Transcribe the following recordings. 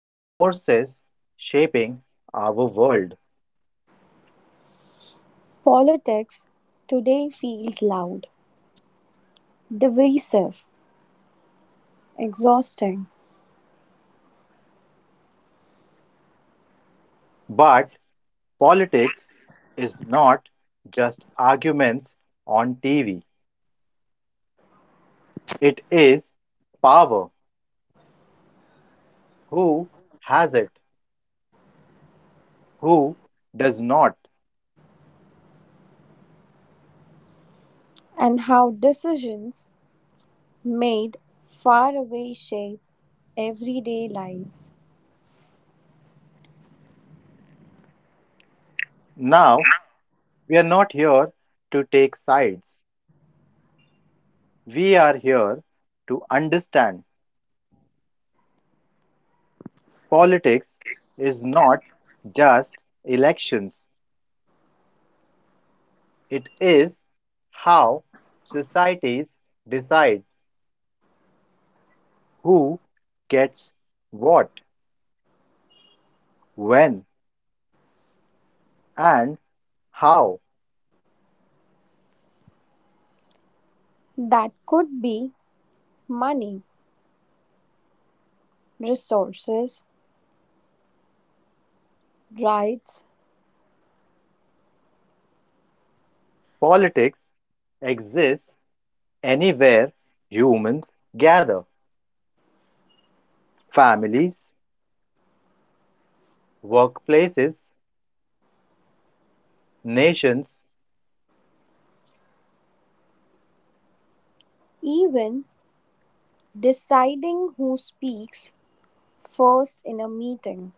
the forces shaping our world. Politics today feels loud, divisive, exhausting, But politics is not just arguments on TV, it is power. Who has it? Who does not? and how decisions made far away shape everyday lives. Now, we are not here to take sides. We are here to understand politics is not just elections, it is how societies decide who gets what, when, and how. That could be money, resources, rights, Politics exists anywhere humans gather families, workplaces, nations. even deciding who speaks first in a meeting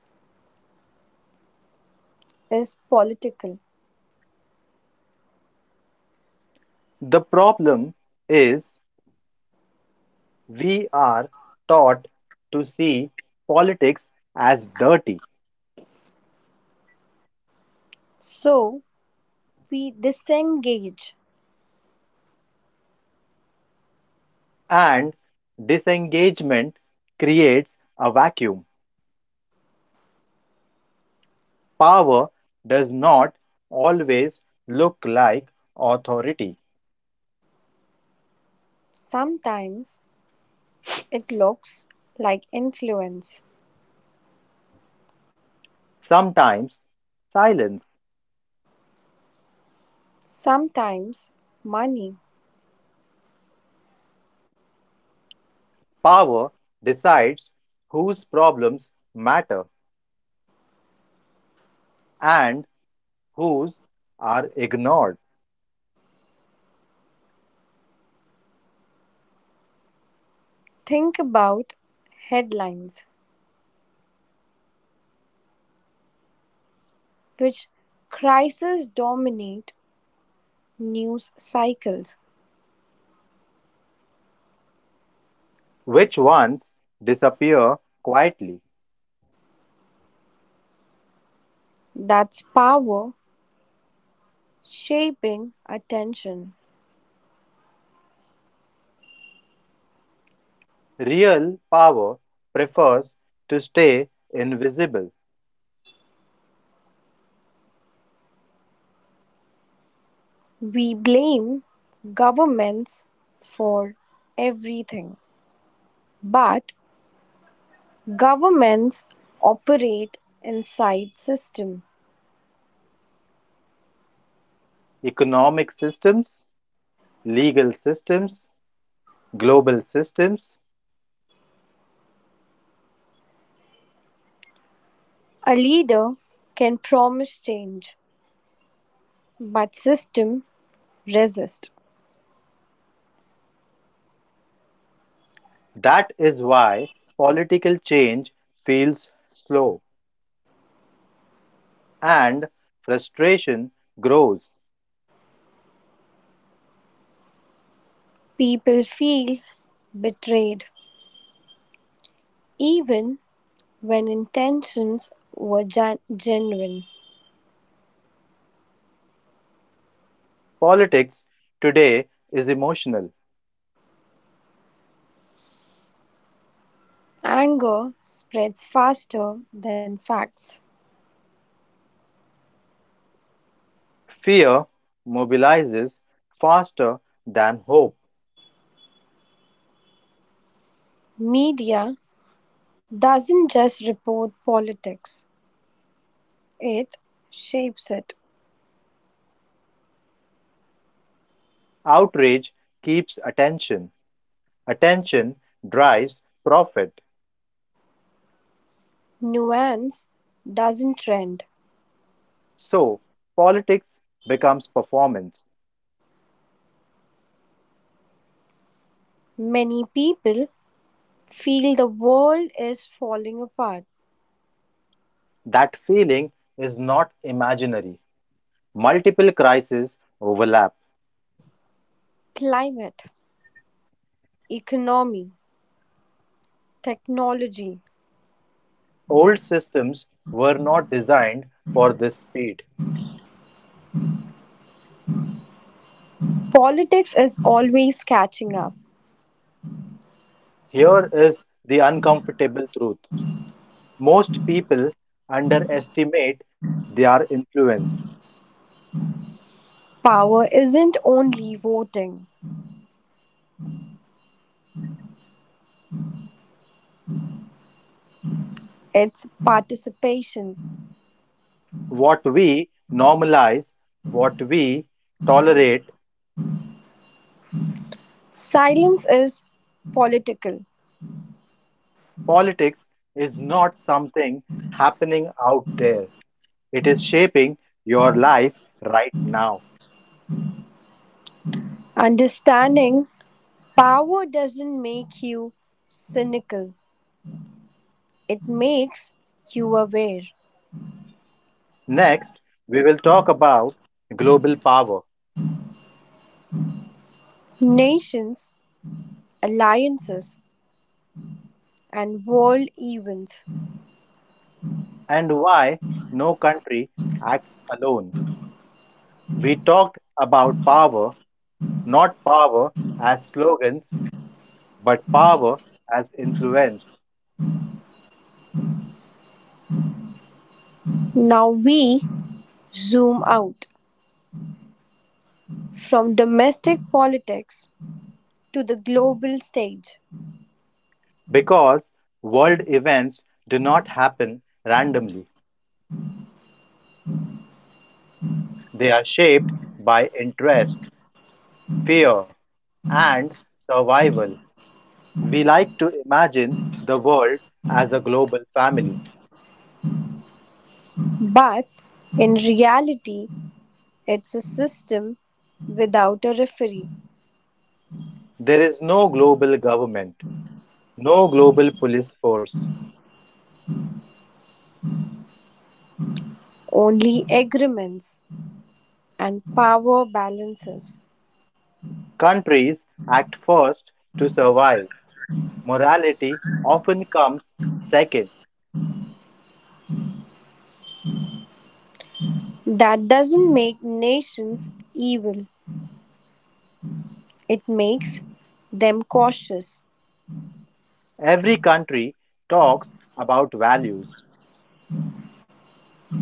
is political. The problem is we are taught to see politics as dirty, So we disengage. and disengagement creates a vacuum. Power does not always look like authority, Sometimes it looks like influence. sometimes, silence. Sometimes money, Power decides whose problems matter and whose are ignored, think about headlines, which crises dominate news cycles. which ones disappear quietly. That's power shaping attention. Real power prefers to stay invisible. We blame governments for everything, but governments operate inside system. Economic systems, legal systems, global systems. A leader can promise change but system resist. That is why political change feels slow and frustration grows. People feel betrayed even when intentions were genuine. Politics today is emotional. Anger spreads faster than facts. Fear mobilizes faster than hope. Media doesn't just report politics, it shapes it. Outrage keeps attention. Attention drives profit. Nuance doesn't trend. So, politics becomes performance. Many people feel the world is falling apart. That feeling is not imaginary. Multiple crises overlap. Climate, economy, technology. Old systems were not designed for this speed. Politics is always catching up. Here is the uncomfortable truth most people underestimate their influence. Power isn't only voting. It's participation. What we normalize, what we tolerate, Silence is political. politics is not something happening out there. It is shaping your life right now. Understanding power doesn't make you cynical, it makes you aware. Next, we will talk about global power Nations, alliances, and world events. and why no country acts alone. We talked about power, not power as slogans, but power as influence Now we zoom out from domestic politics to the global stage. because world events do not happen randomly. They are shaped by interest, fear, and survival. We like to imagine the world as a global family. But in reality, it's a system without a referee, There is no global government, no global police force. only agreements and power balances. Countries act first to survive. Morality often comes second. That doesn't make nations evil, it makes them cautious. Every country talks about values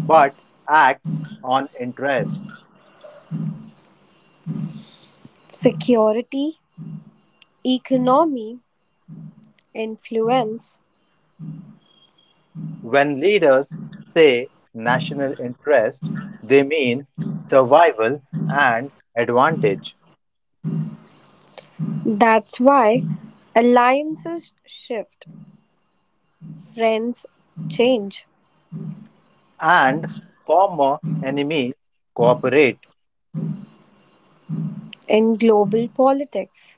but acts on interest. Security, economy, influence. When leaders say national interest, they mean survival and advantage. That's why alliances shift, friends change. And former enemies cooperate. In global politics,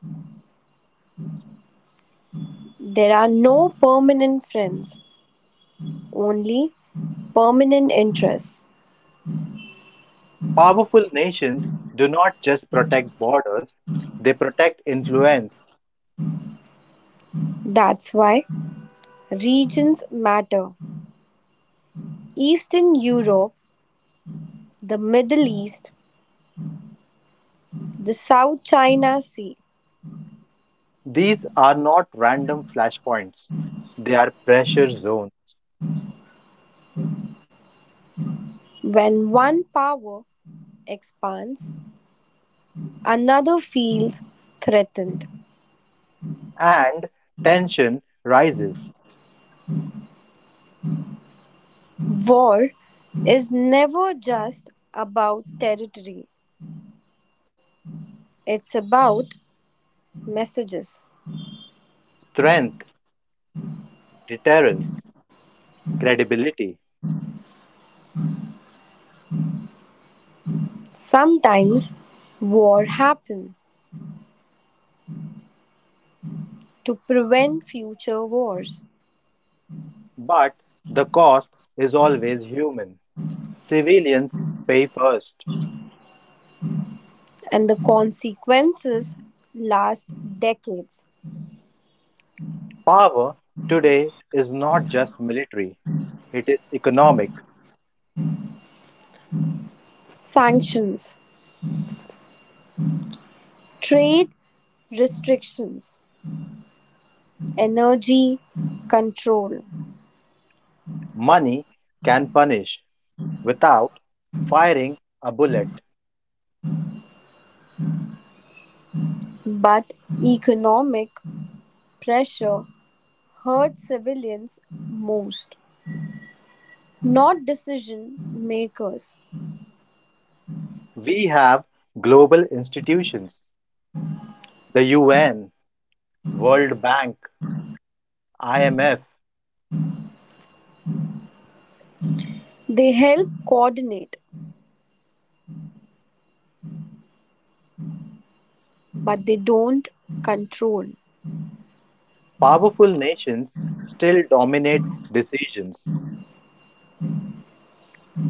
there are no permanent friends, only permanent interests. Powerful nations do not just protect borders, they protect influence. That's why regions matter. Eastern Europe, the Middle East, the South China Sea: These are not random flashpoints, they are pressure zones, when one power expands, another feels threatened. and tension rises. War is never just about territory, it's about messages. Strength, deterrence, credibility. Sometimes war happens to prevent future wars, But the cost is always human. Civilians pay first. and the consequences last decades. Power today is not just military, it is economic. Sanctions, trade restrictions, energy control. Money can punish without firing a bullet. But economic pressure hurt civilians most, not decision makers. We have global institutions, the UN, World Bank, IMF. They help coordinate, but they don't control. Powerful nations still dominate decisions.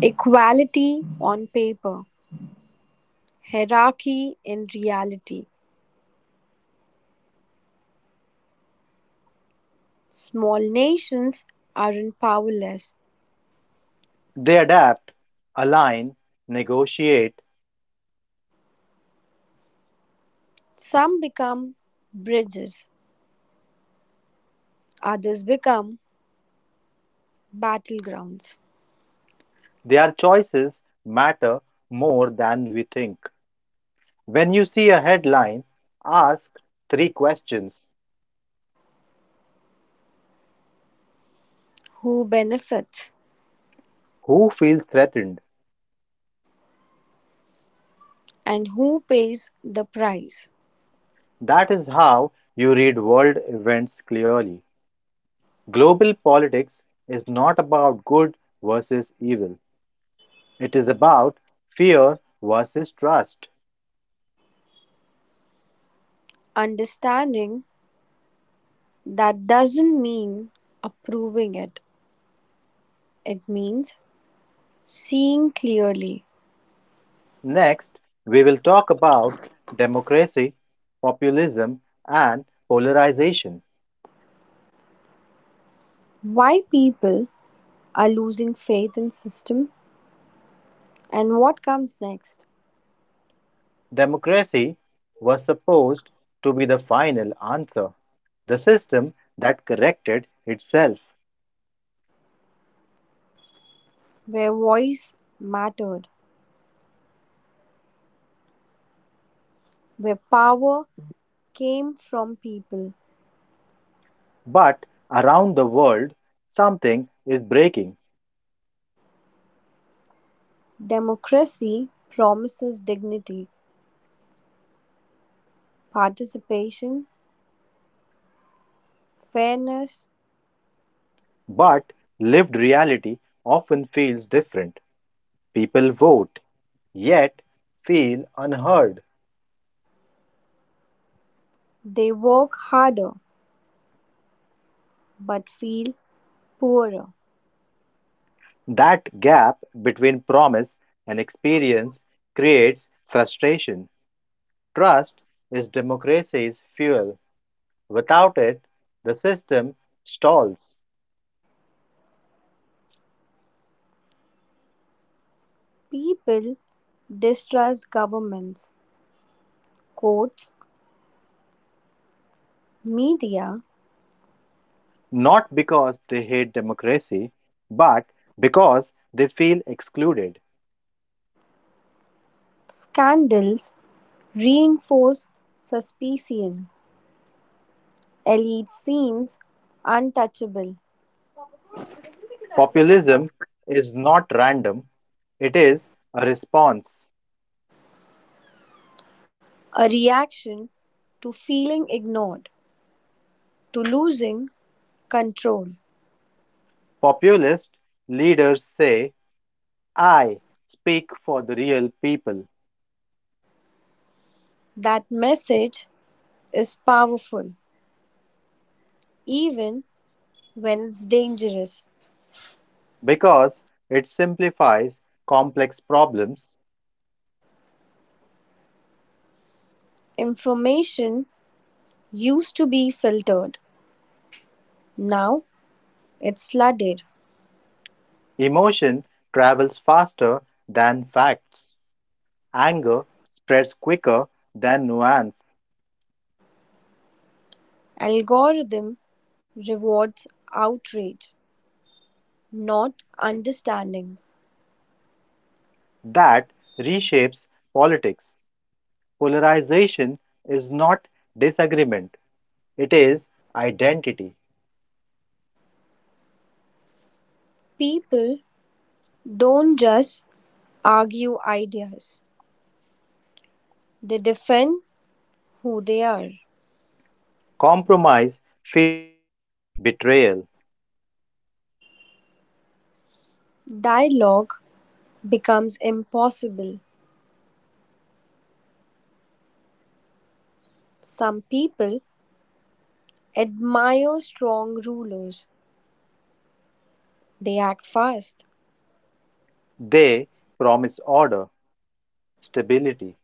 Equality on paper, hierarchy in reality. Small nations aren't powerless. They adapt, align, negotiate. Some become bridges, others become battlegrounds. Their choices matter more than we think. When you see a headline, ask three questions. Who benefits Who feels threatened? and who pays the price? That is how you read world events clearly. Global politics is not about good versus evil, it is about fear versus trust. Understanding that doesn't mean approving it, it means seeing clearly Next, we will talk about democracy, populism, and polarization. why people are losing faith in system and what comes next, Democracy was supposed to be the final answer, the system that corrected itself. where voice mattered, where power came from people. But around the world, something is breaking. Democracy promises dignity, participation, fairness. But lived reality often feels different. People vote, yet feel unheard. They work harder but feel poorer. That gap between promise and experience creates frustration. Trust is democracy's fuel. Without it, the system stalls. People distrust governments, courts, media. Not because they hate democracy, but because they feel excluded. Scandals reinforce suspicion; elite seems untouchable, Populism is not random, it is a response. a reaction to feeling ignored, to losing control. Populist leaders say, I speak for the real people That message is powerful, even when it's dangerous. because it simplifies complex problems. Information used to be filtered, now it's flooded. Emotion travels faster than facts. Anger spreads quicker than nuance. Algorithm rewards outrage, not understanding. That reshapes politics. Polarization is not disagreement, it is identity. People don't just argue ideas, they defend who they are. Compromise feels like betrayal. Dialogue becomes impossible. Some people admire strong rulers, they act fast, They promise order, stability.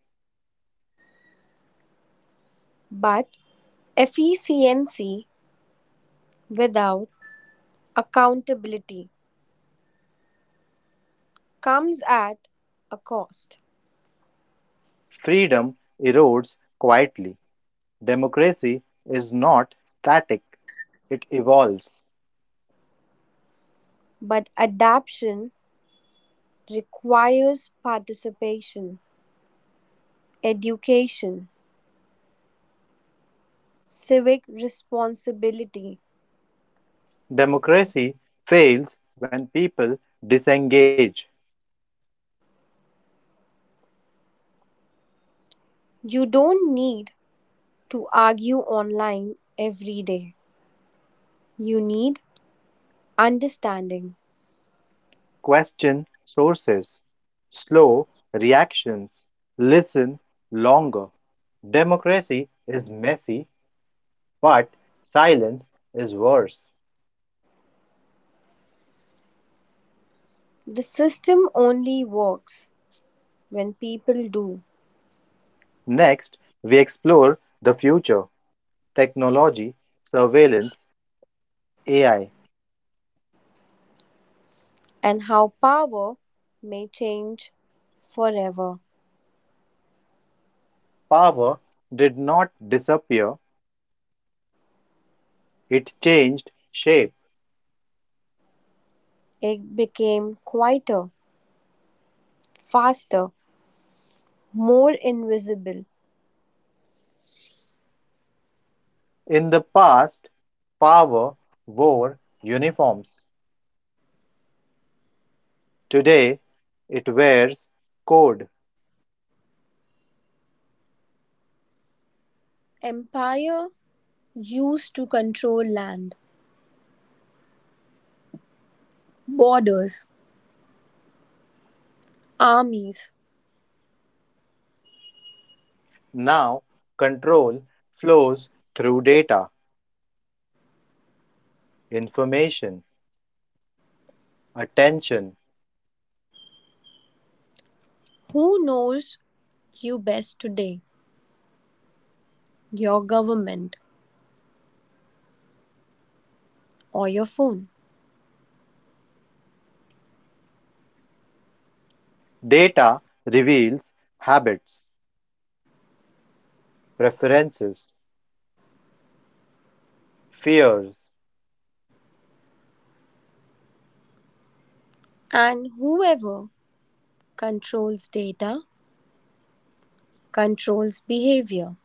but efficiency without accountability comes at a cost. Freedom erodes quietly. Democracy is not static, it evolves. But adaptation requires participation, education, civic responsibility. Democracy fails when people disengage, You don't need to argue online every day. You need understanding. question sources, slow reactions, listen longer. Democracy is messy, but silence is worse. The system only works when people do, Next, we explore the future technology, surveillance, AI. and how power may change forever. Power did not disappear. It changed shape. It became quieter, faster, more invisible. In the past, power wore uniforms. Today, it wears code. Empire used to control land, borders, armies. Now, control flows through data, information, attention. Who knows you best today? Your government or your phone? Data reveals habits, preferences, fears. And whoever controls data, controls behavior,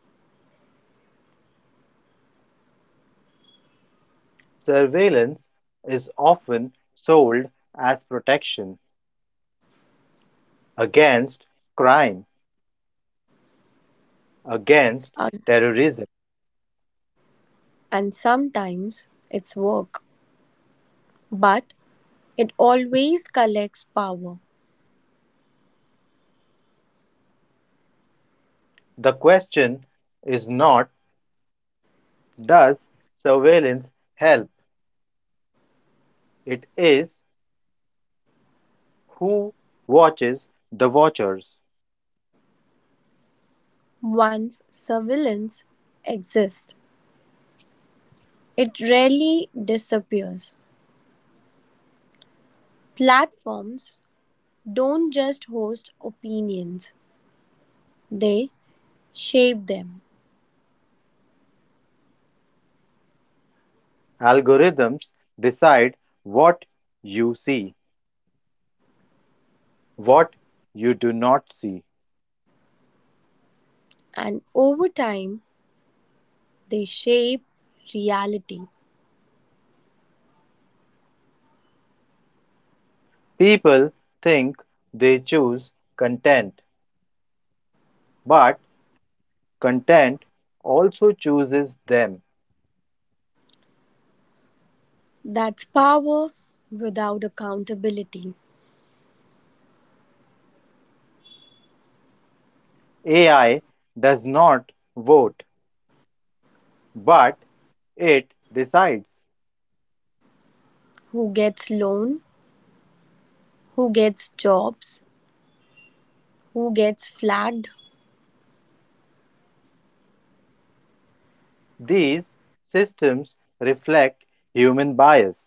Surveillance is often sold as protection against crime, against and, terrorism. and sometimes its work. But it always collects power. The question is not does surveillance help? It is who watches the watchers. Once surveillance exists, it rarely disappears. Platforms don't just host opinions, they shape them. Algorithms decide what you see, what you do not see. And over time, they shape reality. People think they choose content, but content also chooses them. That's power without accountability. AI does not vote, but it decides. Who gets loan? Who gets jobs, who gets flagged? These systems reflect human bias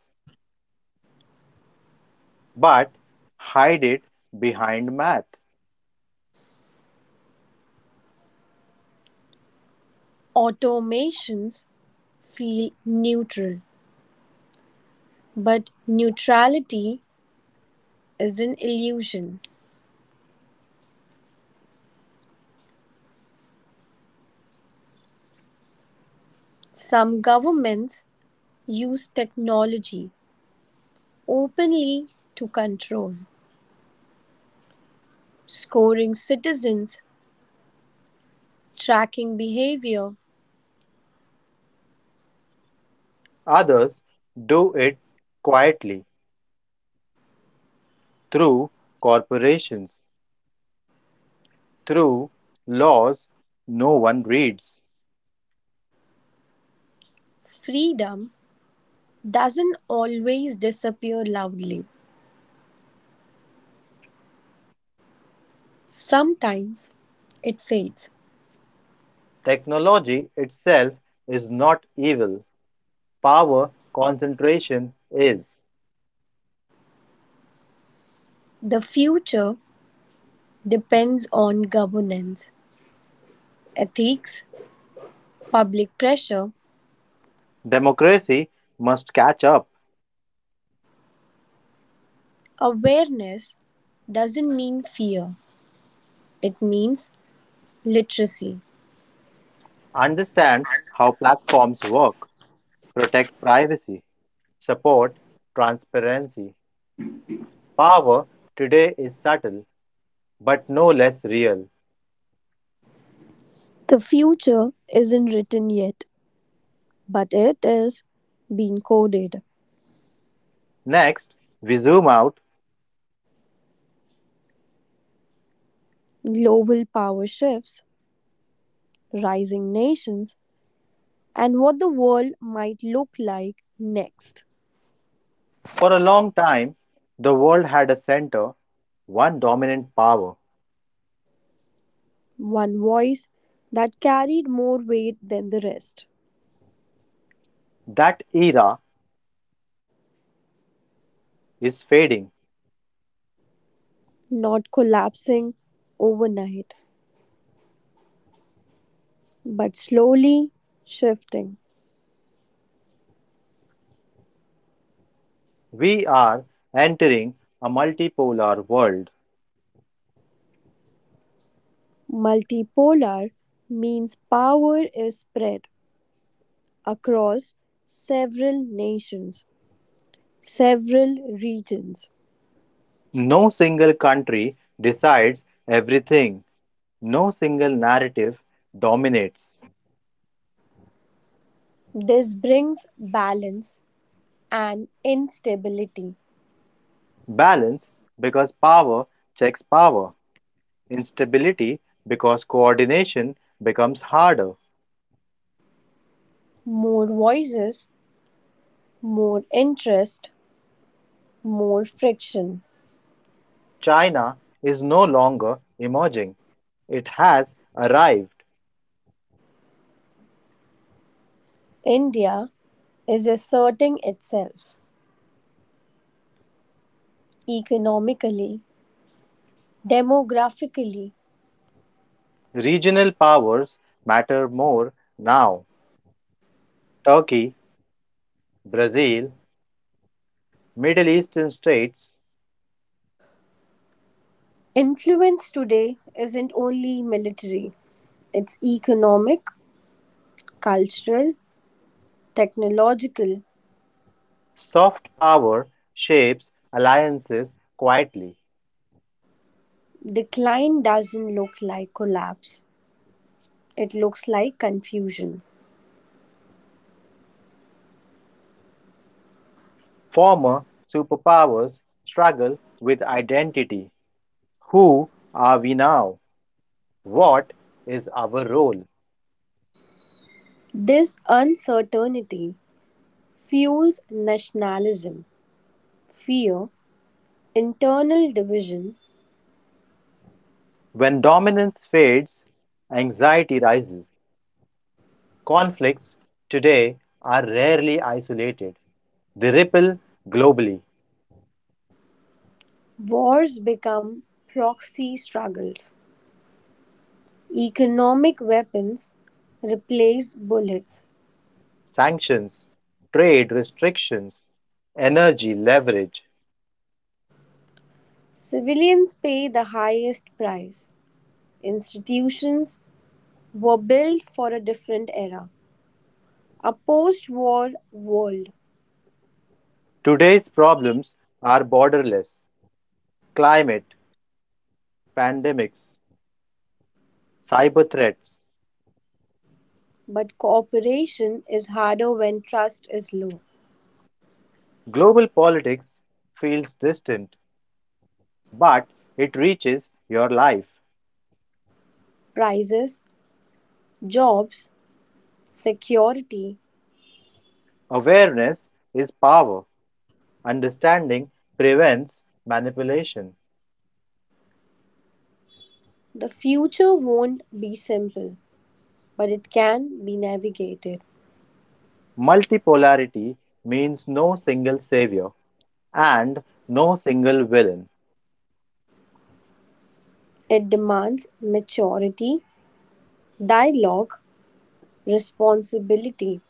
but hide it behind math. Automations feel neutral, but neutrality is an illusion. Some governments use technology openly to control, scoring citizens, tracking behavior. Others do it quietly through corporations, through laws no one reads. Freedom doesn't always disappear loudly, sometimes it fades. Technology itself is not evil, power concentration is. The future depends on governance, ethics, public pressure, Democracy must catch up, awareness doesn't mean fear, it means literacy. understand how platforms work, protect privacy, support transparency, power today is subtle but no less real. The future isn't written yet, but it is being coded. Next, we zoom out. Global power shifts, rising nations, and what the world might look like next. For a long time, the world had a center, one dominant power. One voice that carried more weight than the rest, That era is fading. not collapsing overnight, but slowly shifting. We are entering a multipolar world. Multipolar means power is spread across several nations, several regions. No single country decides everything, no single narrative dominates. This brings balance and instability. Balance because power checks power, instability because coordination becomes harder. More voices, more interest, more friction. China is no longer emerging, it has arrived. India is asserting itself economically, demographically. Regional powers matter more now. Turkey, Brazil, Middle Eastern states, Influence today isn't only military, it's economic, cultural, technological. soft power shapes alliances quietly. Decline doesn't look like collapse, it looks like confusion. Former superpowers struggle with identity. Who are we now? What is our role? This uncertainty fuels nationalism, fear, internal division, When dominance fades, anxiety rises. Conflicts today are rarely isolated. They ripple globally. wars become proxy struggles, economic weapons replace bullets. Sanctions, trade restrictions, energy leverage. Civilians pay the highest price. Institutions were built for a different era, a post war world. Today's problems are borderless. Climate, pandemics, cyber threats. But cooperation is harder when trust is low. Global politics feels distant, but it reaches your life. Prices, jobs, security. Awareness is power. Understanding prevents manipulation. The future won't be simple, but it can be navigated. Multipolarity means no single savior. And no single villain. It demands maturity, dialogue, responsibility,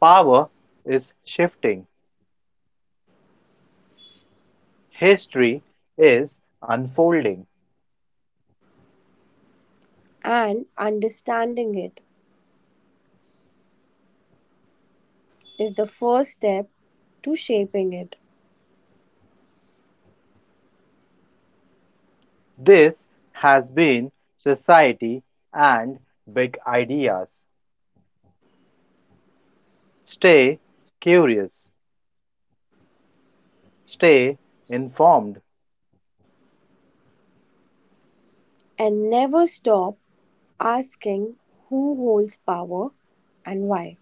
Power is shifting. History is unfolding. and understanding it is the first step to shaping it. This has been Society and Big Ideas. Stay curious. Stay informed. And never stop asking who holds power and why.